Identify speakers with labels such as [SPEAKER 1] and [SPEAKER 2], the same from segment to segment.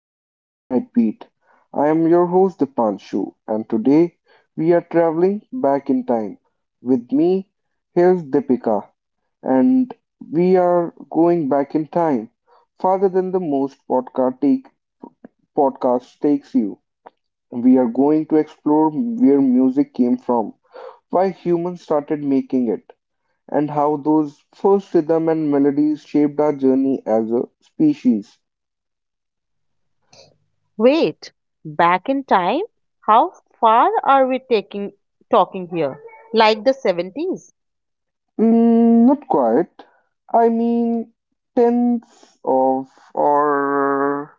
[SPEAKER 1] The Infinite Beat. I am your host Dipanshu, and today we are traveling back in time. With me, here's Deepika, and we are going back in time farther than the most podcast takes you. We are going to explore where music came from, why humans started making it, and how those first rhythm and melodies shaped our journey as a species.
[SPEAKER 2] Wait, back in time? How far are we taking talking here? Like the 70s?
[SPEAKER 1] Not quite. I mean, tens of or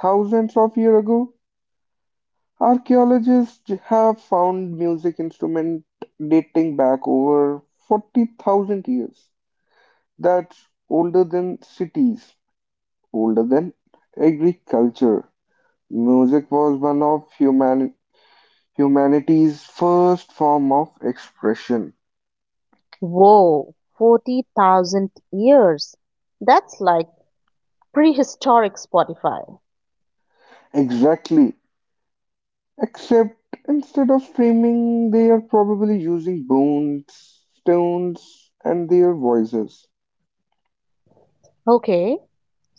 [SPEAKER 1] thousands of years ago, archaeologists have found music instrument dating back over 40,000 years. That's older than cities, older than agriculture. Music was one of humanity's first form of expression.
[SPEAKER 2] Whoa, 40,000 years. That's like prehistoric Spotify.
[SPEAKER 1] Exactly. Except instead of screaming, they are probably using bones, stones, and their voices.
[SPEAKER 2] Okay,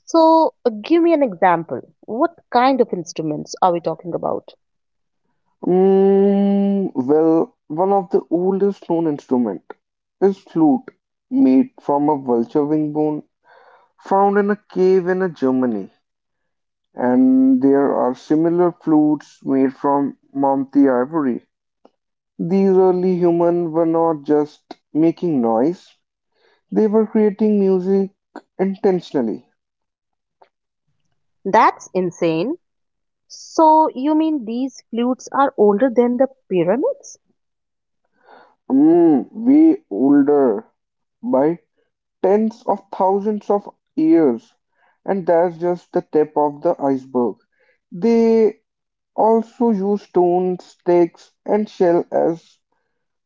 [SPEAKER 2] so give me an example. What kind of instruments are we talking about?
[SPEAKER 1] One of the oldest known instrument is flute, made from a vulture wing bone found in a cave in Germany. And there are similar flutes made from Mamti ivory. These early humans were not just making noise, they were creating music intentionally.
[SPEAKER 2] That's insane. So you mean these flutes are older than the pyramids?
[SPEAKER 1] Way older by tens of thousands of years, and that's just the tip of the iceberg. They also use stones, sticks, and shell as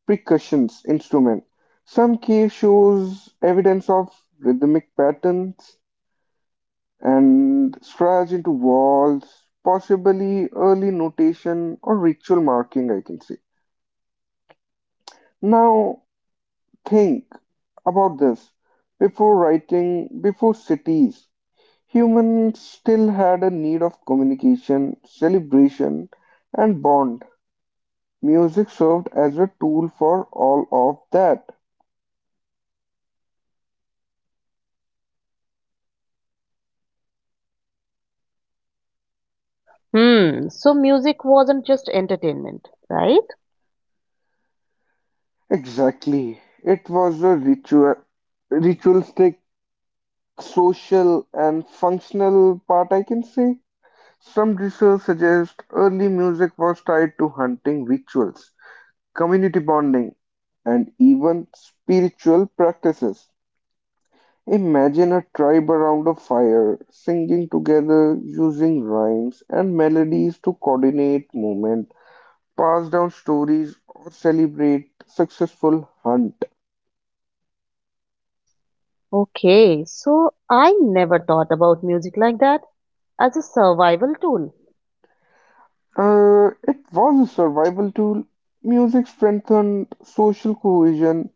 [SPEAKER 1] percussion instruments. Some cave shows evidence of rhythmic patterns and stretch into walls, possibly early notation or ritual marking, I can say. Now, think about this. Before writing, before cities, humans still had a need of communication, celebration, and bond. Music served as a tool for all of that.
[SPEAKER 2] So music wasn't just entertainment, right?
[SPEAKER 1] Exactly. It was a ritualistic, social, and functional part, I can say. Some research suggests early music was tied to hunting rituals, community bonding, and even spiritual practices. Imagine a tribe around a fire, singing together, using rhymes and melodies to coordinate movement, pass down stories, or celebrate successful hunt.
[SPEAKER 2] Okay, so I never thought about music like that as a survival tool.
[SPEAKER 1] It was a survival tool. Music strengthened social cohesion.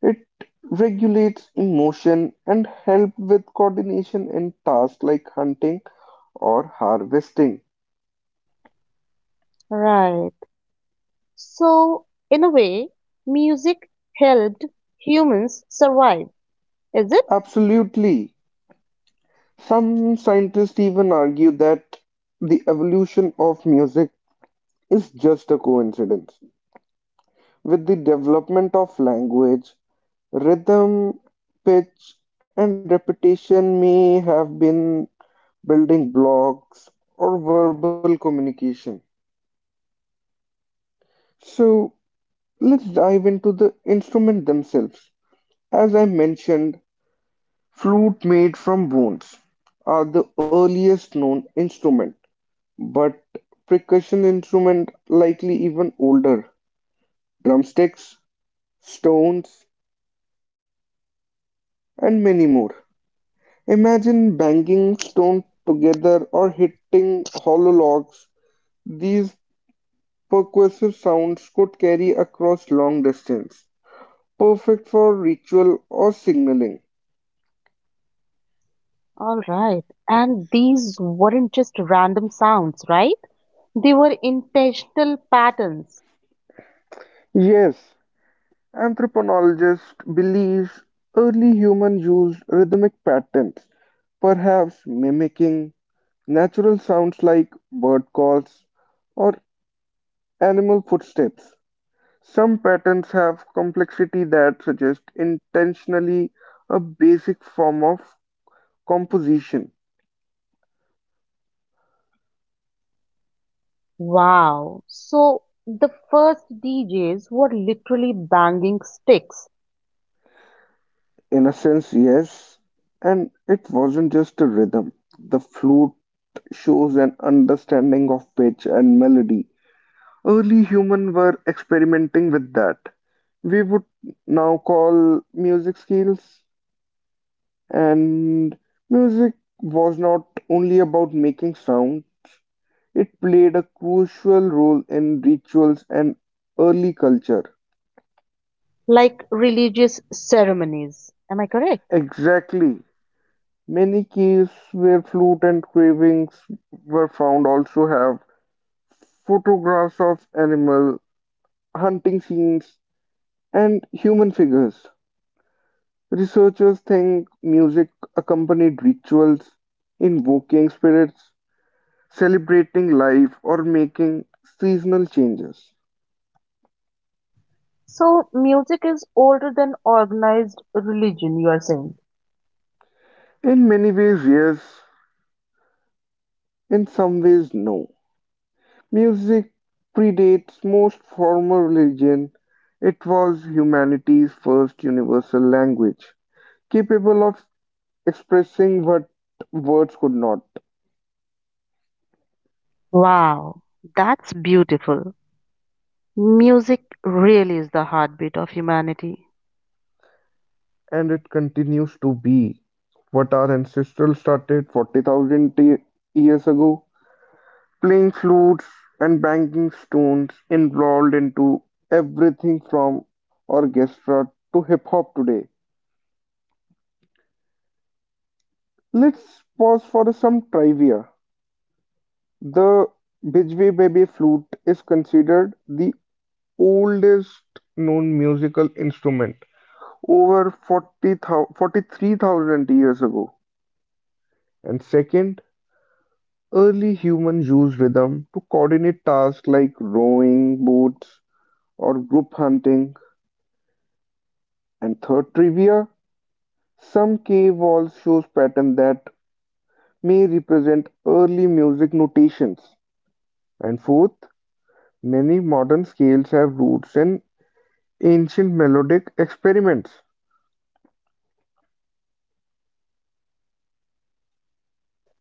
[SPEAKER 1] It regulates emotion and help with coordination in tasks like hunting or harvesting.
[SPEAKER 2] Right. So, in a way, music helped humans survive, is it?
[SPEAKER 1] Absolutely. Some scientists even argue that the evolution of music is just a coincidence. With the development of language, rhythm, pitch, and repetition may have been building blocks or verbal communication. So, Let's dive into the instruments themselves. As I mentioned, flute made from bones are the earliest known instrument, but percussion instrument likely even older. Drumsticks, stones, and many more. Imagine banging stones together or hitting hollow logs. These percussive sounds could carry across long distance, perfect for ritual or signaling.
[SPEAKER 2] All right. And these weren't just random sounds, right? They were intentional patterns.
[SPEAKER 1] Yes, Anthropologist believes early humans used rhythmic patterns, perhaps mimicking natural sounds like bird calls or animal footsteps. Some patterns have complexity that suggests intentionally a basic form of composition.
[SPEAKER 2] Wow. So, the first DJs were literally banging sticks,
[SPEAKER 1] In a sense, yes, and it wasn't just a rhythm. The flute shows an understanding of pitch and melody. Early humans were experimenting with that. We would now call music skills, and music was not only about making sound, it played a crucial role in rituals and early culture.
[SPEAKER 2] like religious ceremonies. Am I correct?
[SPEAKER 1] Exactly. Many caves where flute and carvings were found also have photographs of animal hunting scenes and human figures. Researchers think music accompanied rituals, invoking spirits, celebrating life, or making seasonal changes.
[SPEAKER 2] So music is older than organized religion, you are saying.
[SPEAKER 1] In many ways, yes. In some ways, no. Music predates most formal religion. It was humanity's first universal language, capable of expressing what words could not.
[SPEAKER 2] Wow, that's beautiful. Music really is the heartbeat of humanity.
[SPEAKER 1] And it continues to be. What our ancestors started 40,000 years ago, playing flutes and banging stones, involved into everything from orchestra to hip hop today. Let's pause for some trivia. The Bijwe Baby flute is considered the oldest known musical instrument, over 43,000 years ago. And second, early humans used rhythm to coordinate tasks like rowing boats or group hunting. And third trivia, some cave walls shows patterns that may represent early music notations. And fourth, many modern scales have roots in ancient melodic experiments.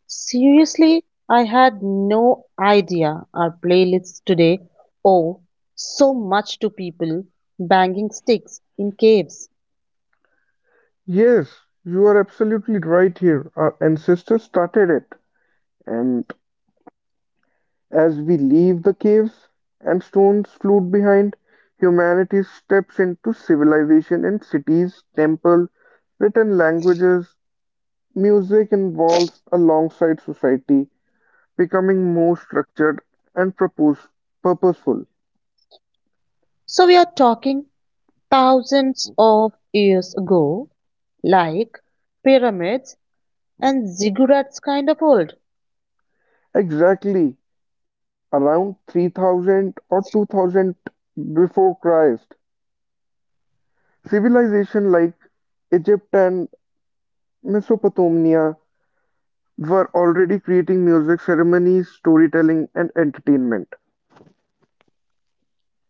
[SPEAKER 2] Seriously, I had no idea our playlists today owe so much to people banging sticks in caves.
[SPEAKER 1] Yes, you are absolutely right here. Our ancestors started it. And as we leave the caves and stones slewed behind, humanity steps into civilization in cities, temples, written languages, music evolves alongside society, becoming more structured and purposeful.
[SPEAKER 2] So we are talking thousands of years ago, like pyramids and ziggurats kind of old.
[SPEAKER 1] Exactly, around 3000 or 2000 before Christ, civilization like Egypt and Mesopotamia were already creating music, ceremonies, storytelling, and entertainment.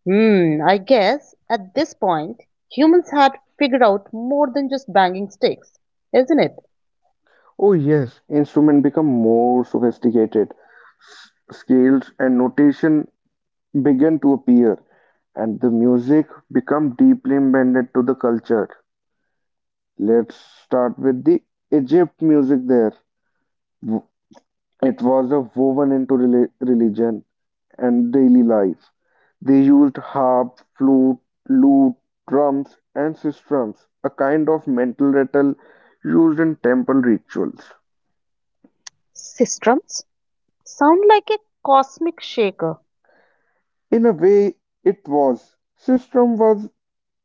[SPEAKER 2] I guess at this point, humans had figured out more than just banging sticks, isn't it?
[SPEAKER 1] Oh yes, instruments become more sophisticated. Scales and notation began to appear, and the music become deeply embedded to the culture. Let's start with the Egypt music there. It was a woven into religion and daily life. They used harp, flute, lute, drums, and sistrums, a kind of mental rattle used in temple rituals.
[SPEAKER 2] Systems sound like a cosmic shaker.
[SPEAKER 1] In a way, it was. Sistrum was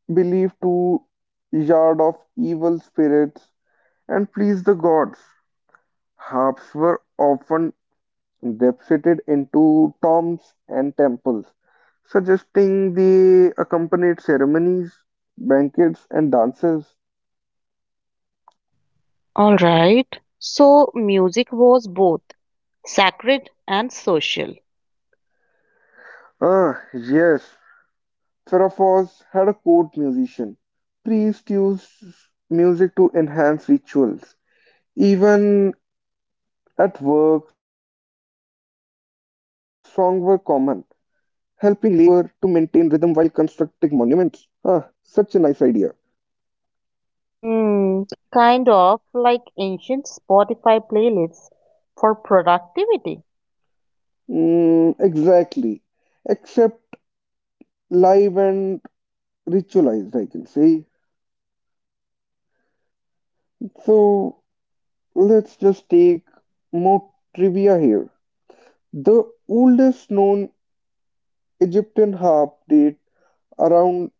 [SPEAKER 1] believed to yard off evil spirits and please the gods. Harps were often deposited into tombs and temples, suggesting the accompanied ceremonies, banquets, and dances.
[SPEAKER 2] All right. So music was both sacred and social.
[SPEAKER 1] Ah, yes, Psaraphos had a court musician. Priests used music to enhance rituals. Even at work, songs were common, helping labor to maintain rhythm while constructing monuments. Ah, such a nice idea.
[SPEAKER 2] Hmm, Kind of like ancient Spotify playlists for productivity.
[SPEAKER 1] Exactly. Except live and ritualized, I can say. So let's just take more trivia here. The oldest known Egyptian harp date around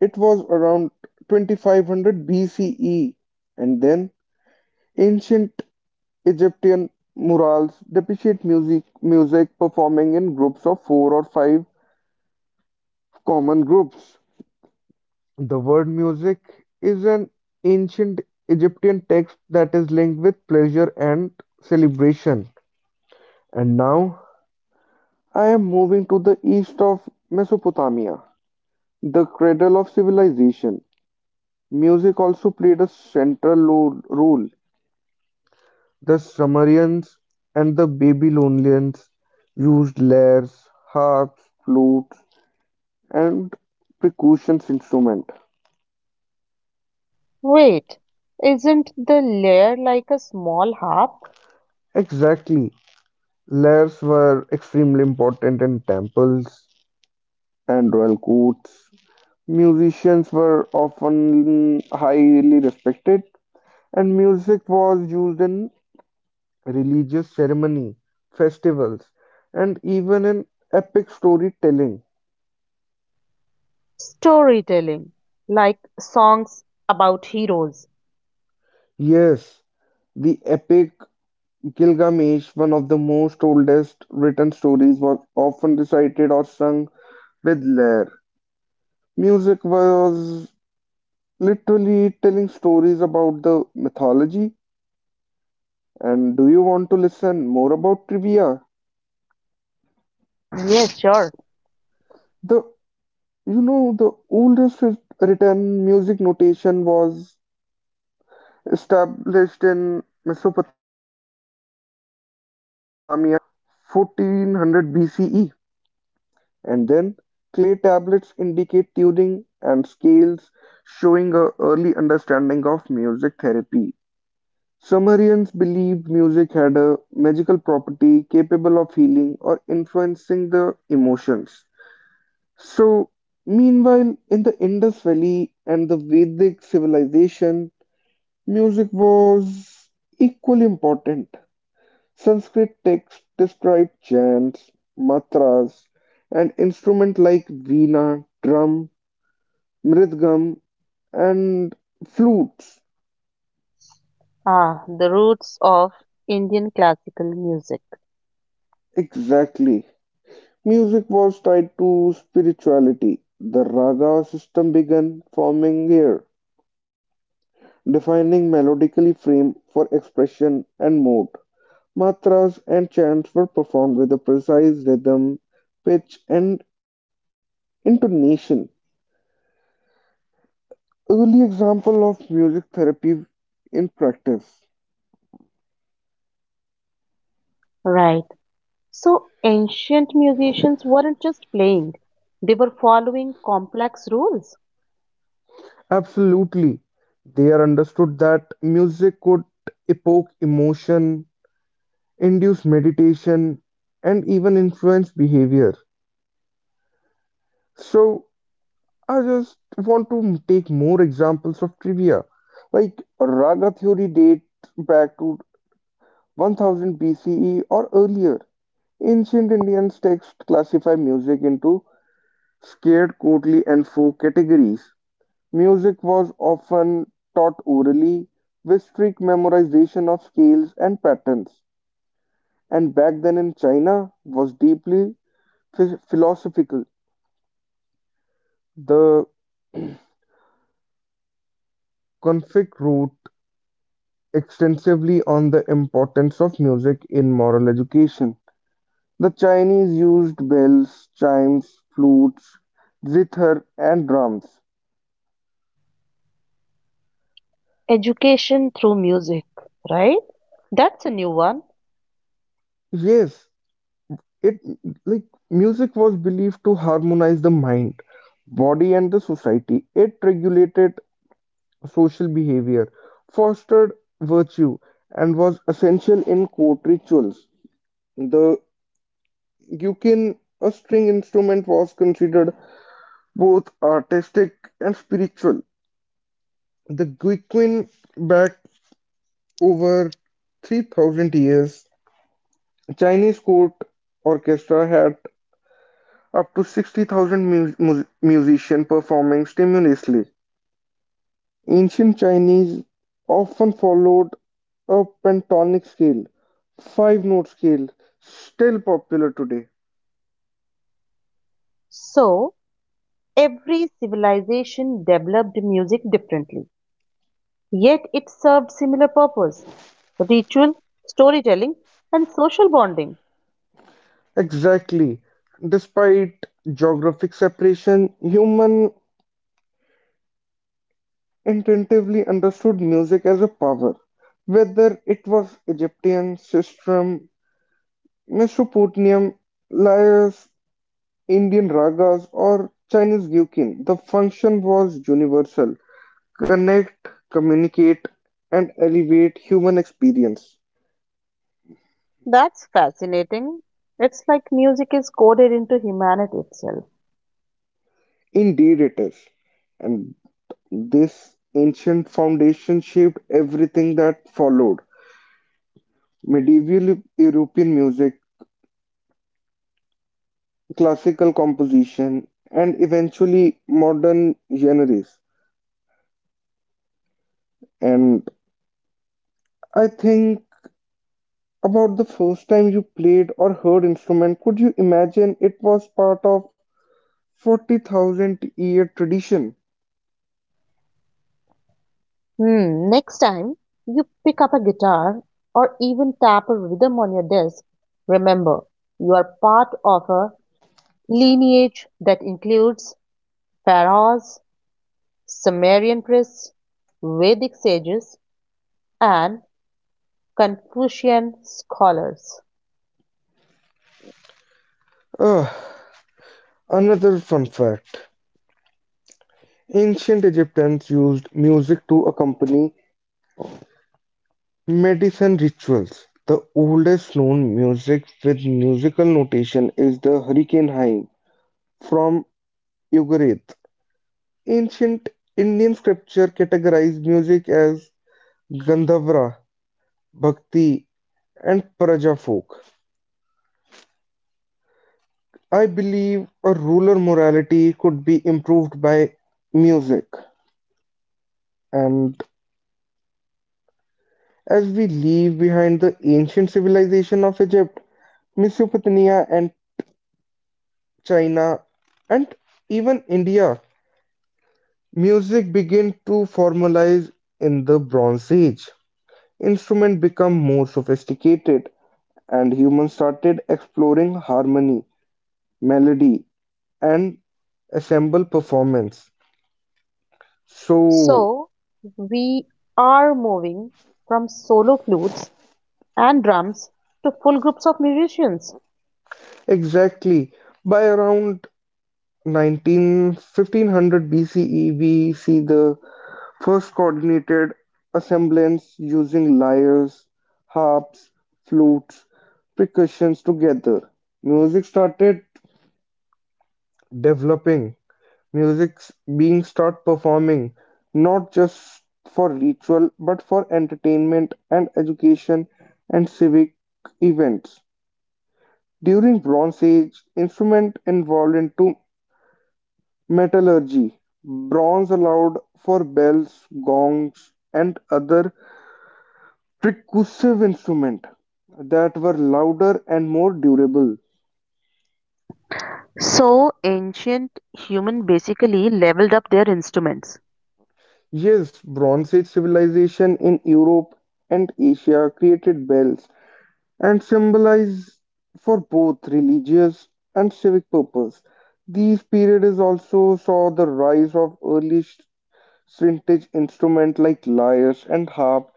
[SPEAKER 1] it was around 2500 BCE, and then ancient Egyptian murals depict music performing in groups of four or five common groups. The word music is an ancient Egyptian text that is linked with pleasure and celebration. And now I am moving to the east of Mesopotamia, the cradle of civilization. Music also played a central role. The Sumerians and the Babylonians used lyres, harps, flutes, and percussion instruments.
[SPEAKER 2] Wait, isn't the layer like a small harp?
[SPEAKER 1] Exactly. Lyres were extremely important in temples and royal courts. Musicians were often highly respected, and music was used in religious ceremony, festivals, and even in epic storytelling.
[SPEAKER 2] Storytelling, like songs about heroes.
[SPEAKER 1] Yes, the epic Gilgamesh, one of the most oldest written stories, was often recited or sung with lyre. Music was literally telling stories about the mythology. And do you want to listen more about trivia?
[SPEAKER 2] Yes, sure.
[SPEAKER 1] The you know the oldest written music notation was established in Mesopotamia in 1400 BCE. And then clay tablets indicate tuning and scales, showing a early understanding of music therapy. Sumerians believed music had a magical property capable of healing or influencing the emotions. So, meanwhile, in the Indus Valley and the Vedic civilization, music was equally important. Sanskrit texts describe chants, mantras, and instruments like veena, drum, mridangam, and flutes.
[SPEAKER 2] Ah, the roots of Indian classical music.
[SPEAKER 1] Exactly. Music was tied to spirituality. The raga system began forming here, defining melodically frame for expression and mood. Mantras and chants were performed with a precise rhythm, pitch, and intonation. Early example of music therapy in practice.
[SPEAKER 2] Right. So ancient musicians weren't just playing, they were following complex rules.
[SPEAKER 1] Absolutely. They are understood that music could evoke emotion, induce meditation, and even influence behavior. So I just want to take more examples of trivia. Like raga theory dates back to 1000 BCE or earlier. Ancient Indian texts classify music into scared, courtly, and folk categories. Music was often taught orally, with strict memorization of scales and patterns, and back then in China was deeply philosophical. The Confucius wrote extensively on the importance of music in moral education. The Chinese used bells, chimes, flutes, zither, and drums.
[SPEAKER 2] Education through music, right? That's a new one.
[SPEAKER 1] Yes, it like music was believed to harmonize the mind, body, and the society. It regulated social behavior, fostered virtue, and was essential in court rituals. The ukin, a string instrument, was considered both artistic and spiritual. The guiqin back over 3000 years, Chinese court orchestra had up to 60,000 musicians performing simultaneously. Ancient Chinese often followed a pentatonic scale, five note scale, still popular today.
[SPEAKER 2] So every civilization developed music differently, yet it served similar purpose. Ritual, storytelling, and social bonding.
[SPEAKER 1] Exactly. Despite geographic separation, human intuitively understood music as a power, whether it was Egyptian, sistrum, Mesopotamian, Laos, Indian ragas or Chinese gyukin. The function was universal connect, communicate, and elevate human experience.
[SPEAKER 2] That's fascinating. It's like music is coded into humanity itself.
[SPEAKER 1] Indeed, it is. And this ancient foundation shaped everything that followed medieval European music, classical composition, and eventually modern genres. And I think about the first time you played or heard instrument, could you imagine it was part of 40,000 year tradition.
[SPEAKER 2] Next time you pick up a guitar or even tap a rhythm on your desk, remember you are part of a lineage that includes pharaohs, Sumerian priests, Vedic sages, and Confucian scholars.
[SPEAKER 1] Ah, another fun fact. Ancient Egyptians used music to accompany medicine rituals. The oldest known music with musical notation is the Hurricane Hymn from Ugarit. Ancient Indian scripture categorized music as Gandhavara, Bhakti, and Praja folk. I believe a ruler morality could be improved by music. And as we leave behind the ancient civilization of Egypt, Mesopotamia, and China, and even India, music began to formalize in the Bronze Age. Instruments become more sophisticated, and humans started exploring harmony, melody, and ensemble performance. So,
[SPEAKER 2] So we are moving from solo flutes and drums to full groups of musicians.
[SPEAKER 1] exactly by around 19 1500 BCE, we see the first coordinated assemblies using lyres, harps, flutes, percussions together. Music started developing, music being start performing not just for ritual but for entertainment and education and civic events. During Bronze Age, instrument involved into metallurgy. Bronze allowed for bells, gongs, and other percussive instruments that were louder and more durable.
[SPEAKER 2] So ancient human basically leveled up their instruments.
[SPEAKER 1] Yes, Bronze Age civilization in Europe and Asia created bells and symbolized for both religious and civic purpose. These periods also saw the rise of early stringed vintage instruments like lyres and harp,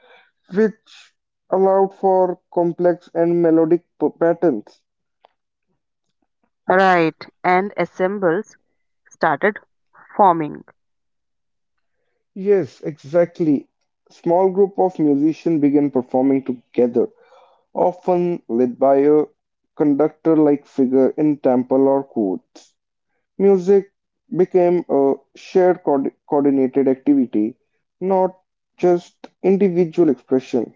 [SPEAKER 1] which allowed for complex and melodic patterns.
[SPEAKER 2] Right, and ensembles started forming.
[SPEAKER 1] Yes, exactly. Small group of musicians began performing together, often led by a conductor-like figure in temple or court. Music became a shared coordinated activity, not just individual expression.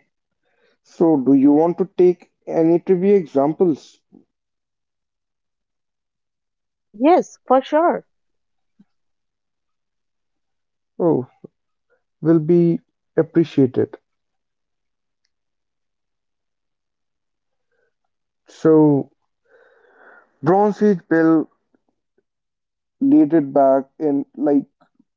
[SPEAKER 1] So, do you want to take any trivia examples?
[SPEAKER 2] Yes, for sure.
[SPEAKER 1] Oh, will be appreciated. So, Bronze Age bell dated back in like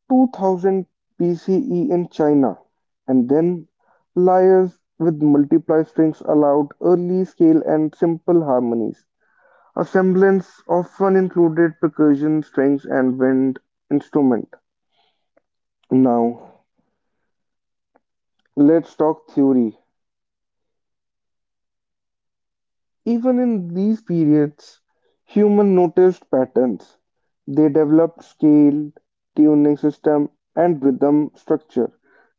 [SPEAKER 1] 2000 BCE in China, and then lyres with multiply strings allowed early scale and simple harmonies. A semblance often included percussion, strings, and wind instrument. Now, let's talk theory. Even in these periods, human noticed patterns. They developed scale, tuning system, and rhythm structure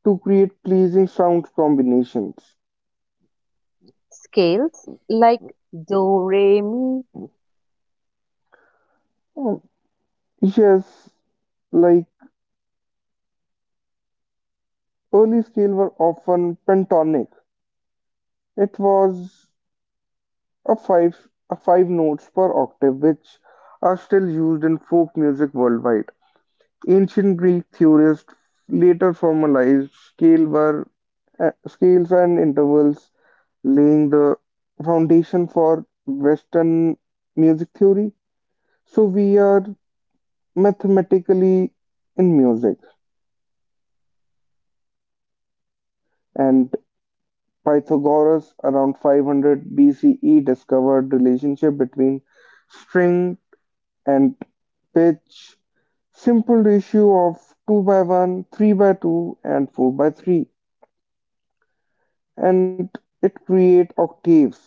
[SPEAKER 1] to create pleasing sound combinations.
[SPEAKER 2] Scales like do, re, mi.
[SPEAKER 1] Yes, like early scale were often pentatonic. It was a five a five notes per octave, which are still used in folk music worldwide. Ancient Greek theorists later formalized scales and intervals, laying the foundation for Western music theory. So we are mathematically in music, and Pythagoras around 500 BCE discovered relationship between string and pitch, simple ratio of two by one, three by two, and four by three, and it create octaves,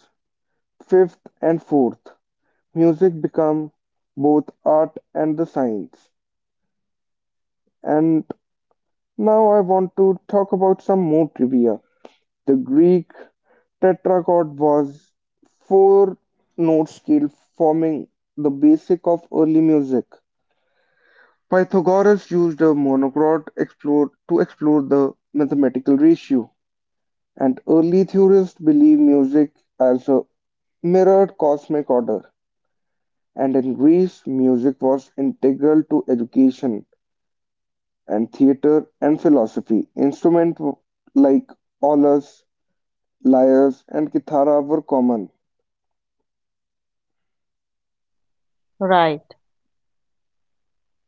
[SPEAKER 1] fifth and fourth. Music become both art and the science. And now I want to talk about some more trivia. The Greek Tetrachord was four-note scale forming the basic of early music. Pythagoras used a monochord to explore the mathematical ratio, and early theorists believed music as a mirrored cosmic order. And in Greece, music was integral to education and theater and philosophy. Instruments like aulos, lyres, and kithara were common.
[SPEAKER 2] Right.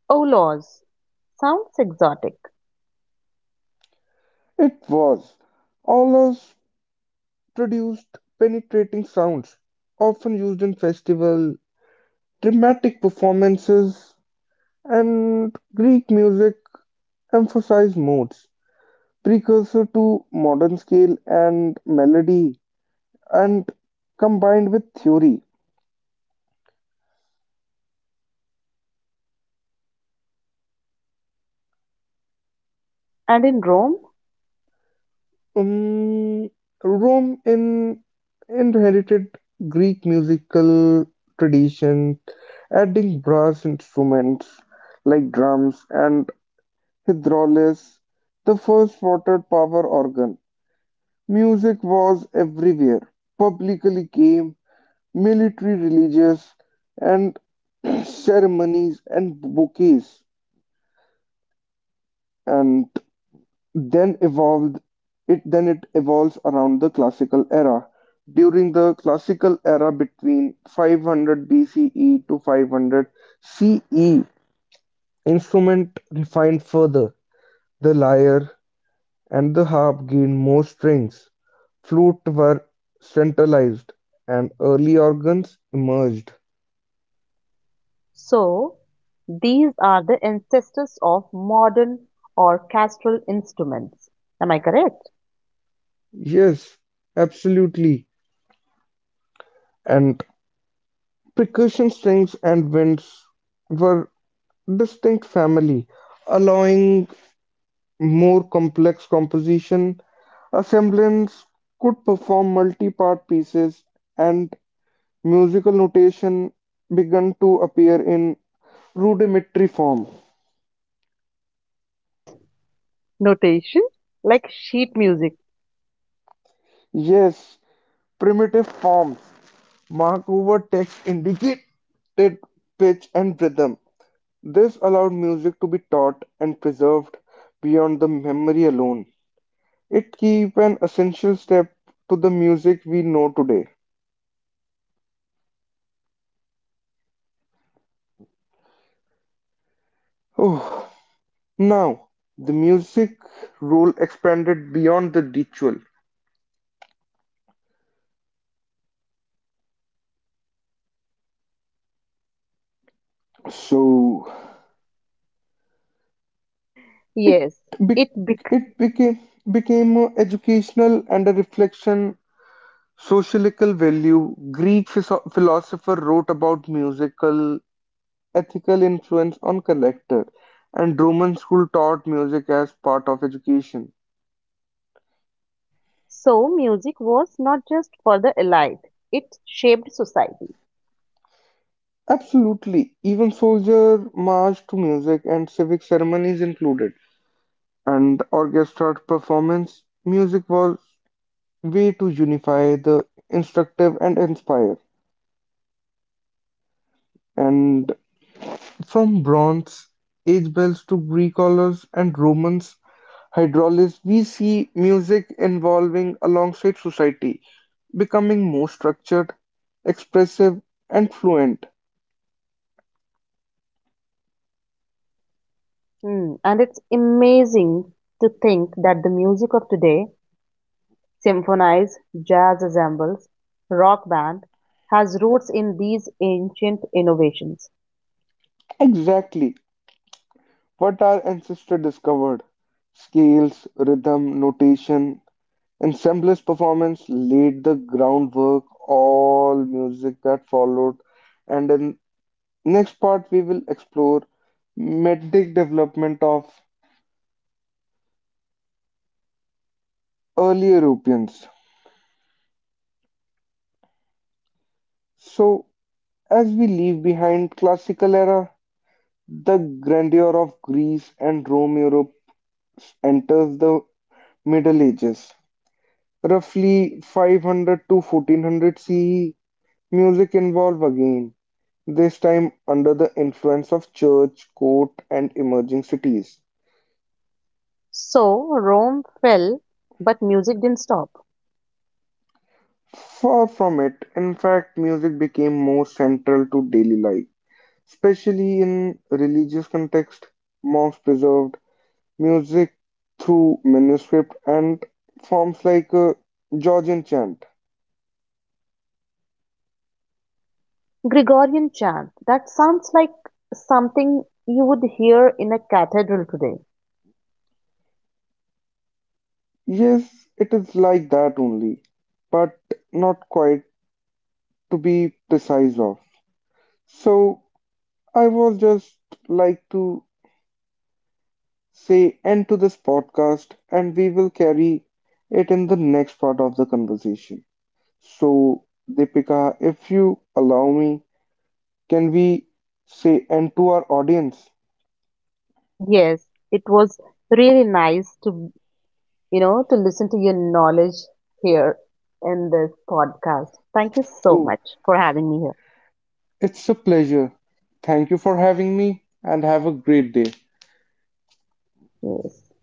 [SPEAKER 2] Oh, laws. Sounds exotic.
[SPEAKER 1] It was Aulos produced penetrating sounds, often used in festival, dramatic performances, and Greek music emphasized modes, precursor to modern scale and melody, and combined with theory.
[SPEAKER 2] And in Rome?
[SPEAKER 1] Um, Rome in inherited Greek musical tradition, adding brass instruments like drums and hydraulis, the first water power organ. Music was everywhere. Publicly came military religious and ceremonies and bouquets and then evolved then it evolves around the classical era between 500 BCE to 500 CE instrument refined further the lyre and the harp gained more strings. Flute were centralized, and early organs emerged.
[SPEAKER 2] So, these are the ancestors of modern orchestral instruments. Am I correct?
[SPEAKER 1] Yes, absolutely. And percussion strings and winds were distinct family, allowing more complex composition. Assemblins could perform multi-part pieces, and musical notation began to appear in rudimentary form.
[SPEAKER 2] Notation? Like sheet music.
[SPEAKER 1] Yes, primitive forms Mark over text indicated pitch and rhythm. This allowed music to be taught and preserved beyond the memory alone. It keep an essential step to the music we know today. Oh, now, the music role expanded beyond the ritual. So
[SPEAKER 2] Yes. It be-
[SPEAKER 1] it became educational and a reflection sociological value. Greek philosopher wrote about musical ethical influence on collector, and Roman school taught music as part of education.
[SPEAKER 2] So music was not just for the elite, it shaped society.
[SPEAKER 1] Absolutely, even soldier march to music and civic ceremonies included. And orchestra performance, music was way to unify the instructive and inspire. And from bronze age bells to Greek colors and Romans Hydraulis we see music evolving alongside society, becoming more structured, expressive, and fluent.
[SPEAKER 2] And it's amazing to think that the music of today, symphonies, jazz ensembles, rock band, has roots in these ancient innovations.
[SPEAKER 1] Exactly what our ancestors discovered. Scales, rhythm, notation, and semblance performance laid the groundwork all music that followed. And in next part we will explore metric development of early Europeans. So as we leave behind classical era, the grandeur of Greece and Rome Europe enters the Middle Ages. Roughly 500 to 1400 CE, music evolved again, this time under the influence of church, court, and emerging cities.
[SPEAKER 2] So Rome fell, but music didn't stop.
[SPEAKER 1] Far from it, in fact, music became more central to daily life, especially in religious context. Monks preserved music through manuscript and forms like a Georgian chant.
[SPEAKER 2] Gregorian chant, that sounds like something you would hear in a cathedral today.
[SPEAKER 1] Yes, it is like that only, but not quite to be precise of. So I was just like to say end to this podcast and we will carry it in the next part of the conversation. So Deepika, if you allow me, can we say end to our audience?
[SPEAKER 2] Yes, it was really nice to to listen to your knowledge here in this podcast. Thank you so
[SPEAKER 1] Oh,
[SPEAKER 2] much for having me here.
[SPEAKER 1] it's a pleasure. Thank you for having me and have a great day.
[SPEAKER 2] Yes.